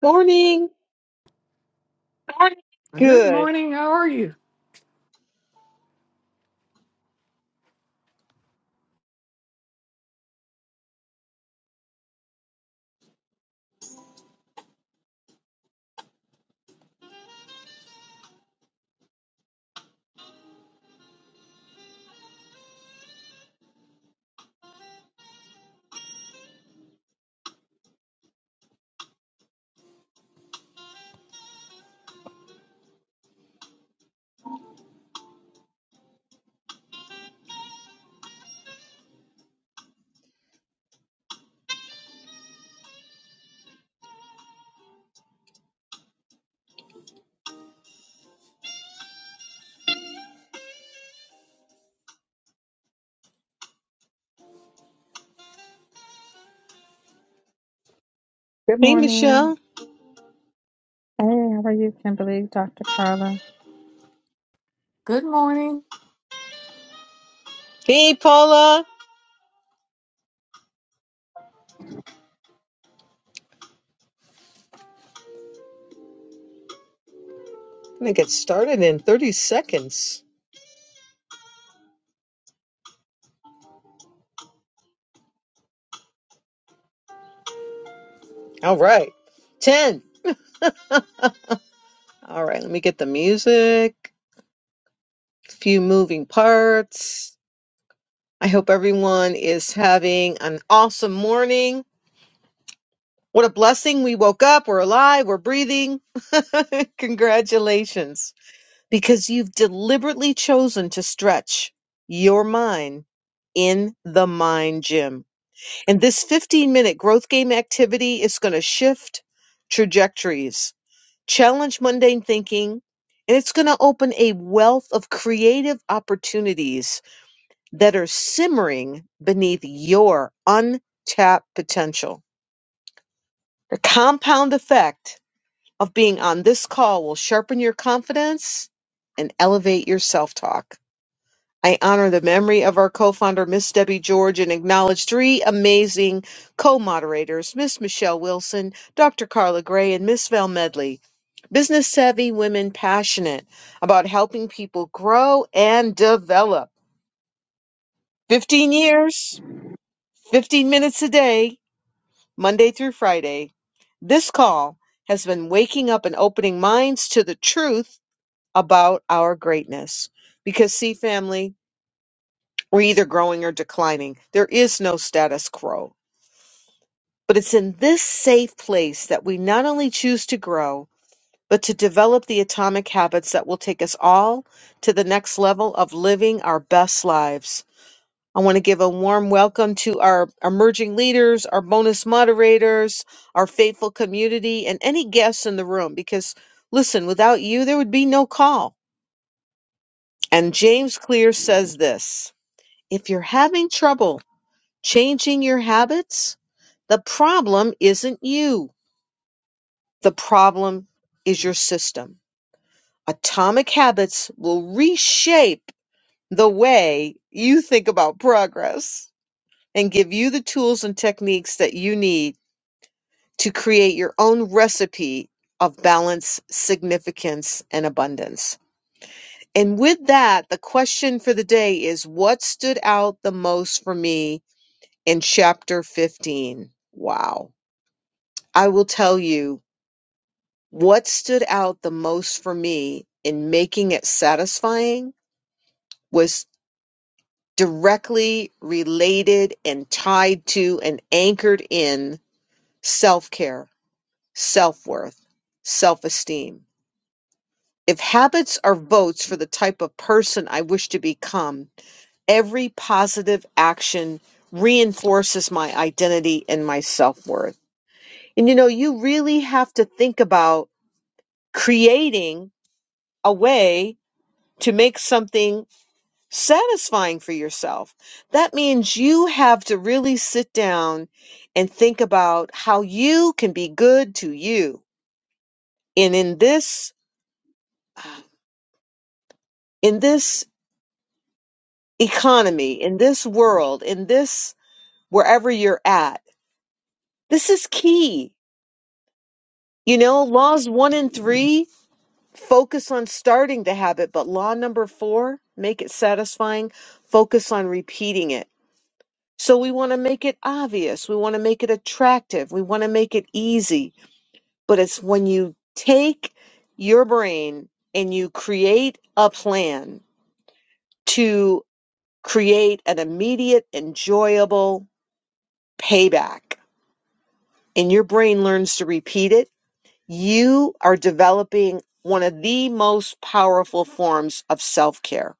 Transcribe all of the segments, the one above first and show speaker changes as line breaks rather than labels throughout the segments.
Morning.
morning. Good
Good.
morning. How are you?
Good
Hey, Michelle.
morning. Hey, how are you, Kimberly? Dr. Carla?
Good morning.
Hey, Paula. I'm going to get started in 30 seconds. All right. 10. All right. Let me get the music, a few moving parts. I hope everyone is having an awesome morning. What a blessing. We woke up. We're alive. We're breathing. Congratulations. Because you've deliberately chosen to stretch your mind in the mind gym. And this 15 minute growth game activity is going to shift trajectories, challenge mundane thinking, and it's going to open a wealth of creative opportunities that are simmering beneath your untapped potential. The compound effect of being on this call will sharpen your confidence and elevate your self talk. I honor the memory of our co-founder, Miss Debbie George, and acknowledge three amazing co-moderators, Miss Michelle Wilson, Dr. Carla Gray, and Miss Val Medley. Business savvy women passionate about helping people grow and develop. 15 years, 15 minutes a day, Monday through Friday. This call has been waking up and opening minds to the truth about our greatness. Because, see, family, We're either growing or declining. There is no status quo. But it's in this safe place that we not only choose to grow, but to develop the atomic habits that will take us all to the next level of living our best lives. I want to give a warm welcome to our emerging leaders, our bonus moderators, our faithful community, and any guests in the room because, listen, without you, there would be no call. And James Clear says this if you're having trouble, changing your habits, the problem isn't you. The problem is your system. Atomic habits will reshape the way you think about progress and give you the tools and techniques that you need to create your own recipe of balance, significance, and abundance. And with that, the question for the day is what stood out the most for me in chapter 15? Wow. I will tell you What stood out the most for me in making it satisfying was directly related and tied to and anchored in self care, self worth, self esteem. If habits are votes for the type of person I wish to become, every positive action reinforces my identity and my self worth. And you know, you really have to think about creating a way to make something satisfying for yourself. That means you have to really sit down and think about how you can be good to you. And in this in this economy, in this world, in this wherever you're at, this is key. You know, laws 1 and 3 focus on starting the habit, but law number 4, make it satisfying, focus on repeating it So we want to make it obvious. We want to make it attractive. We want to make it easy. But it's when you take your brain and you create a plan to create an immediate, enjoyable payback, and your brain learns to repeat it, you are developing one of the most powerful forms of self care.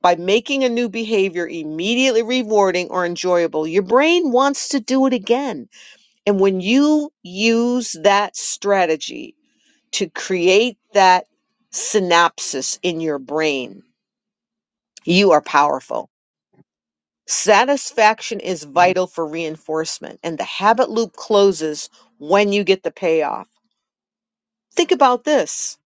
By making a new behavior immediately rewarding or enjoyable, your brain wants to do it again And when you use that strategy to create that synapsis in your brain, you are powerful. Satisfaction is vital for reinforcement, and the habit loop closes when you get the payoff. Think about this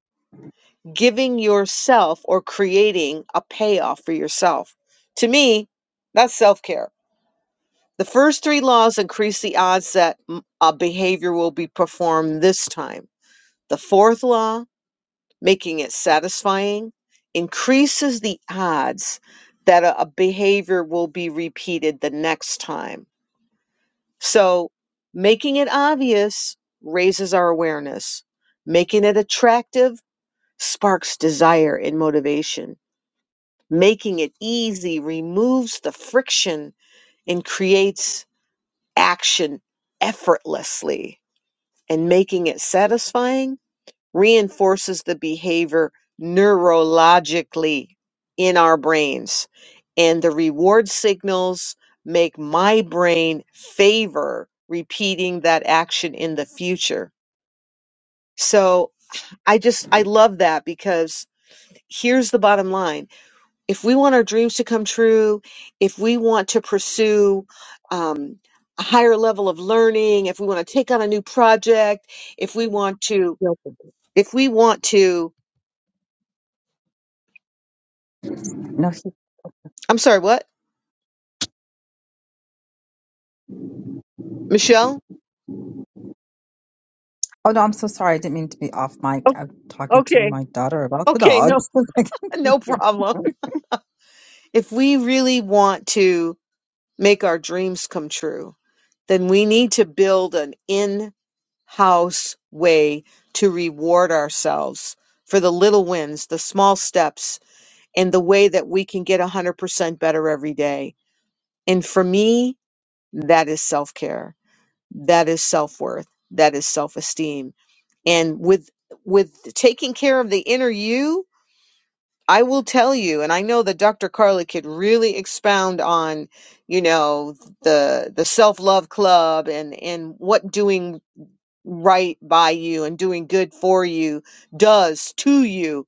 giving yourself or creating a payoff for yourself. To me, that's self care. The first three laws increase the odds that mm, a behavior will be performed this time. The fourth law making it satisfying increases the odds that a, a behavior will be repeated the next time. So, making it obvious raises our awareness, making it attractive sparks desire and motivation, making it easy removes the friction and creates action effortlessly, and making it satisfying reinforces the behavior neurologically in our brains. And the reward signals make my brain favor repeating that action in the future. So I just, I love that because here's the bottom line. If we want our dreams to come true, if we want to pursue, um, a higher level of learning, if we want to take on a new project, if we want to,
Yo, good
if we want to,
morning. No, she,
I'm sorry, what? Michelle?
oh no, I'm so sorry. I didn't mean to be off
Oh,
mic. I'm talking to
okay.
my daughter about the
Okay, no
dogs. I get
no
confused.
problem. If we really want to make our dreams come true, then we need to build an in-house way to reward ourselves for the little wins, the small steps, and the way that we can get 100% better every day. And for me, that is self-care. That is self-worth. That is self-esteem. And with with taking care of the inner you, I will tell you, and I know that Dr. Carla could really expound on, you know, the the self love club and and what doing right by you and doing good for you does to you.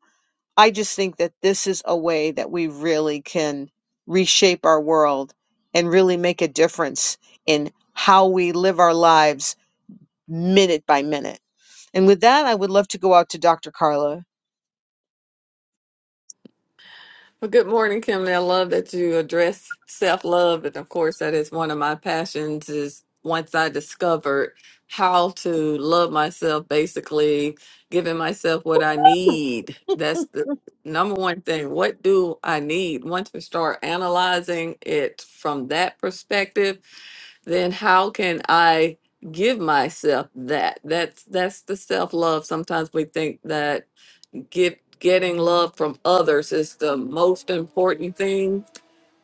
I just think that this is a way that we really can reshape our world and really make a difference in how we live our lives minute by minute. And with that, I would love to go out to Dr. Carla.
Well, good morning, Kim. I love that you address self-love, and of course, that is one of my passions. Is once I discovered how to love myself, basically giving myself what I need. That's the number one thing. What do I need? Once we start analyzing it from that perspective, then how can I give myself that? That's that's the self-love. Sometimes we think that get getting love from others is the most important thing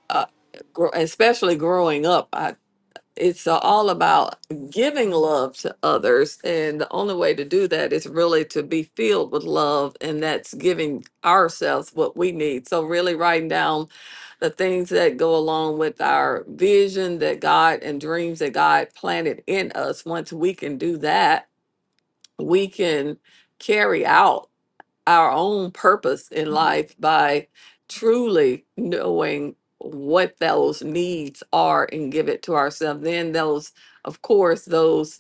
uh, gr- especially growing up I, it's uh, all about giving love to others and the only way to do that is really to be filled with love and that's giving ourselves what we need so really writing down the things that go along with our vision that god and dreams that god planted in us once we can do that we can carry out our own purpose in life by truly knowing what those needs are and give it to ourselves. Then those, of course, those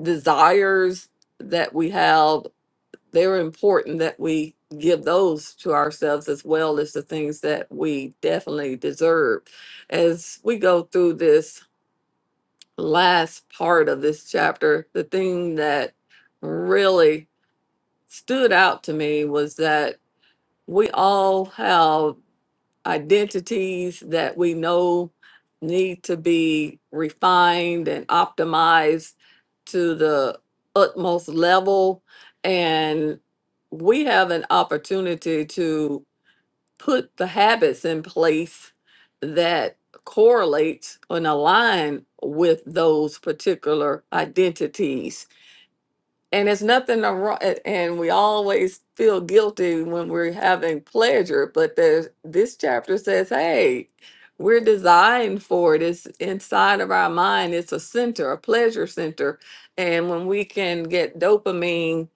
desires that we have, they're important that we give those to ourselves as well as the things that we definitely deserve. As we go through this last part of this chapter, the thing that really stood out to me was that we all have identities that we know need to be refined and optimized to the utmost level. And we have an opportunity to put the habits in place that correlate and align with those particular identities. And it's nothing wrong, and we always feel guilty when we're having pleasure, but there's, this chapter says, hey, we're designed for it. It's inside of our mind. It's a center, a pleasure center. And when we can get dopamine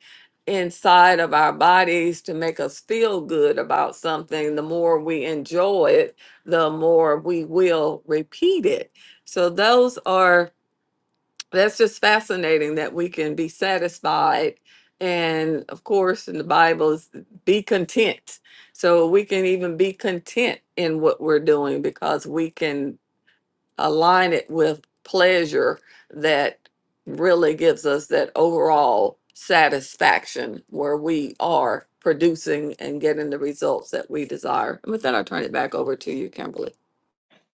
inside of our bodies to make us feel good about something, the more we enjoy it, the more we will repeat it. So those are that's just fascinating that we can be satisfied and of course in the bible is be content so we can even be content in what we're doing because we can align it with pleasure that really gives us that overall satisfaction where we are producing and getting the results that we desire and with that i'll turn it back over to you kimberly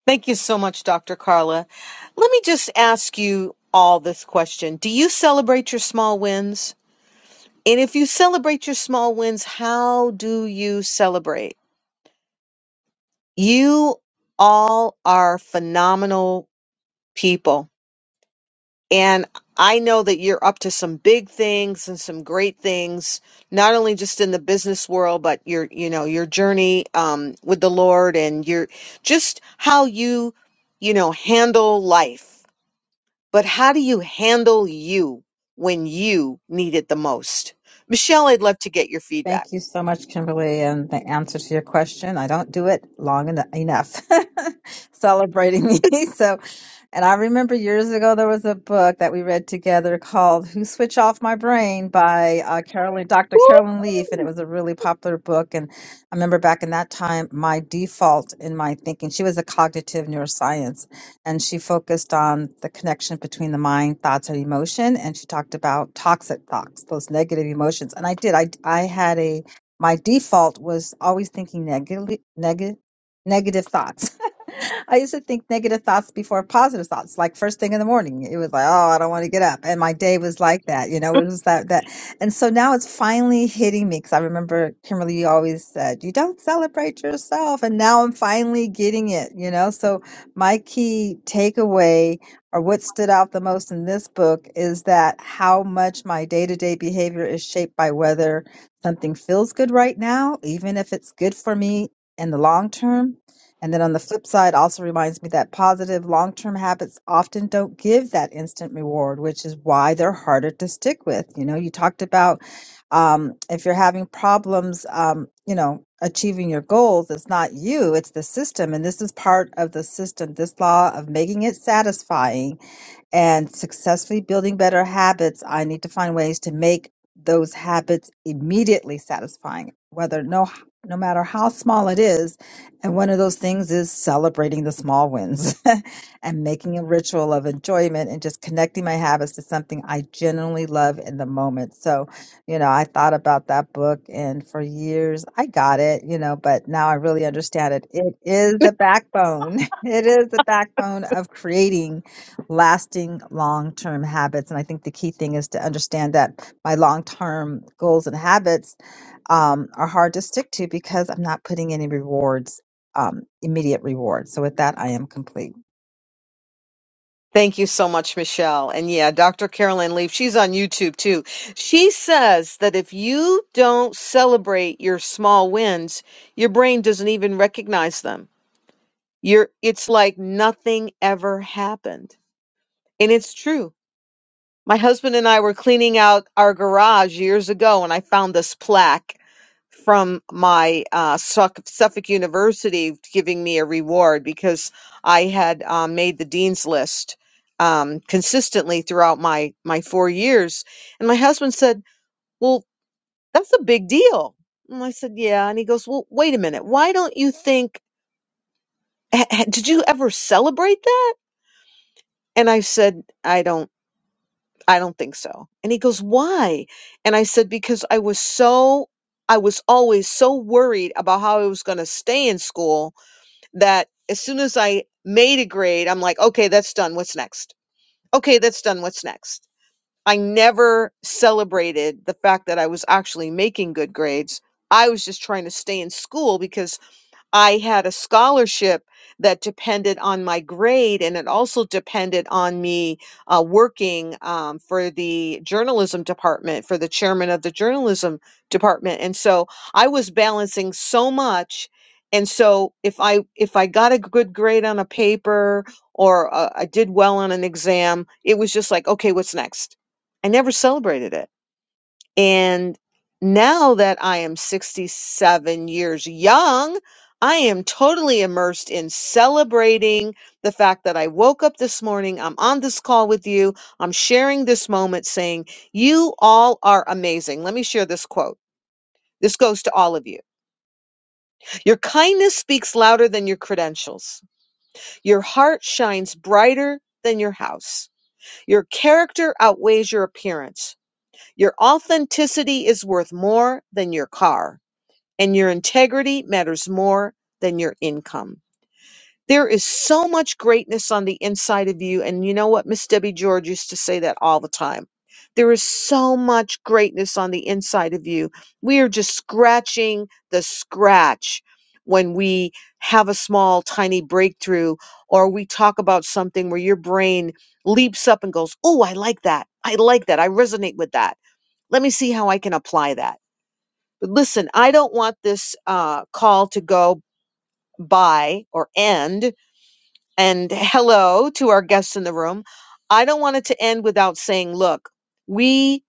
Thank you so much, Dr. Carla. Let me just ask you all this question. Do you celebrate your small wins? And if you celebrate your small wins, how do you celebrate? You all are phenomenal people. And I know that you're up to some big things and some great things, not only just in the business world, but your, you know, your journey um, with the Lord and your just how you, you know, handle life but how do you handle you when you need it the most? Michelle, I'd love to get your feedback.
Thank you so much, Kimberly. And the answer to your question, I don't do it long en- enough celebrating me. So, and I remember years ago there was a book that we read together called Who Switch Off My Brain by uh, Carolyn, Dr.
Woo!
Carolyn Leaf. And it was a really popular book. And I remember back in that time, my default in my thinking, she was a cognitive neuroscience and she focused on the connection between the mind, thoughts, and emotion. And she talked about toxic thoughts, those negative emotions. And I did. I I had a my default was always thinking negative negative negative thoughts. I used to think negative thoughts before positive thoughts. Like first thing in the morning, it was like, "Oh, I don't want to get up," and my day was like that. You know, it was that that. And so now it's finally hitting me because I remember Kimberly you always said, "You don't celebrate yourself," and now I'm finally getting it. You know, so my key takeaway or what stood out the most in this book is that how much my day-to-day behavior is shaped by whether something feels good right now, even if it's good for me in the long term. And then on the flip side, also reminds me that positive long term habits often don't give that instant reward, which is why they're harder to stick with. You know, you talked about um, if you're having problems, um, you know, achieving your goals, it's not you, it's the system. And this is part of the system, this law of making it satisfying and successfully building better habits, I need to find ways to make those habits immediately satisfying, whether no no matter how small it is. And one of those things is celebrating the small wins and making a ritual of enjoyment and just connecting my habits to something I genuinely love in the moment. So, you know, I thought about that book and for years I got it, you know, but now I really understand it. It is the backbone. It is the backbone of creating lasting long-term habits and i think the key thing is to understand that my long-term goals and habits um, are hard to stick to because i'm not putting any rewards um, immediate rewards so with that i am complete
Thank you so much, Michelle. And yeah, Dr. Carolyn Leaf, she's on YouTube too. She says that if you don't celebrate your small wins, your brain doesn't even recognize them. You're, it's like nothing ever happened. And it's true. My husband and I were cleaning out our garage years ago and I found this plaque from my uh, Suff- Suffolk University giving me a reward because I had uh, made the dean's list um, consistently throughout my my four years. And my husband said, "Well, that's a big deal." And I said, "Yeah." And he goes, "Well, wait a minute. Why don't you think? h- h- Did you ever celebrate that?" And I said, "I don't. I don't think so." And he goes, "Why?" And I said, "Because I was so." I was always so worried about how I was going to stay in school that as soon as I made a grade, I'm like, okay, that's done. What's next? Okay, that's done. What's next? I never celebrated the fact that I was actually making good grades. I was just trying to stay in school because I had a scholarship that depended on my grade, and it also depended on me uh, working um, for the journalism department, for the chairman of the journalism department. And so I was balancing so much. And so if I if I got a good grade on a paper or uh, I did well on an exam, it was just like, okay, what's next? I never celebrated it and now that I am 67 years young, I am totally immersed in celebrating the fact that I woke up this morning. I'm on this call with you. I'm sharing this moment saying, You all are amazing. Let me share this quote. This goes to all of you. Your kindness speaks louder than your credentials. Your heart shines brighter than your house. Your character outweighs your appearance. Your authenticity is worth more than your car. and your integrity matters more than your income. There is so much greatness on the inside of you. And you know what? Miss Debbie George used to say that all the time. There is so much greatness on the inside of you. We are just scratching the scratch when we have a small, tiny breakthrough or we talk about something where your brain leaps up and goes, Oh, I like that. I like that. I resonate with that. Let me see how I can apply that but listen, I don't want this uh, call to go by or end. And hello to our guests in the room. I don't want it to end without saying, look, we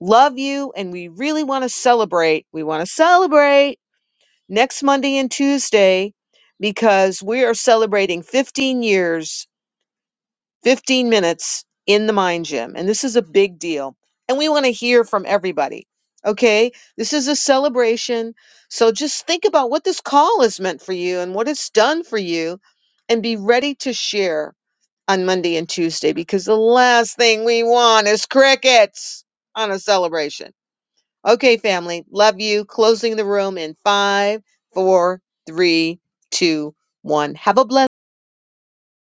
love you and we really want to celebrate. We want to celebrate next Monday and Tuesday because we are celebrating 15 years 15 minutes in the mind gym. And this is a big deal. And we want to hear from everybody. Okay. This is a celebration. So just think about what this call has meant for you and what it's done for you and be ready to share on Monday and Tuesday because the last thing we want is crickets on a celebration. Okay, family. Love you. Closing the room in five, four, three, two, one. Have a blessed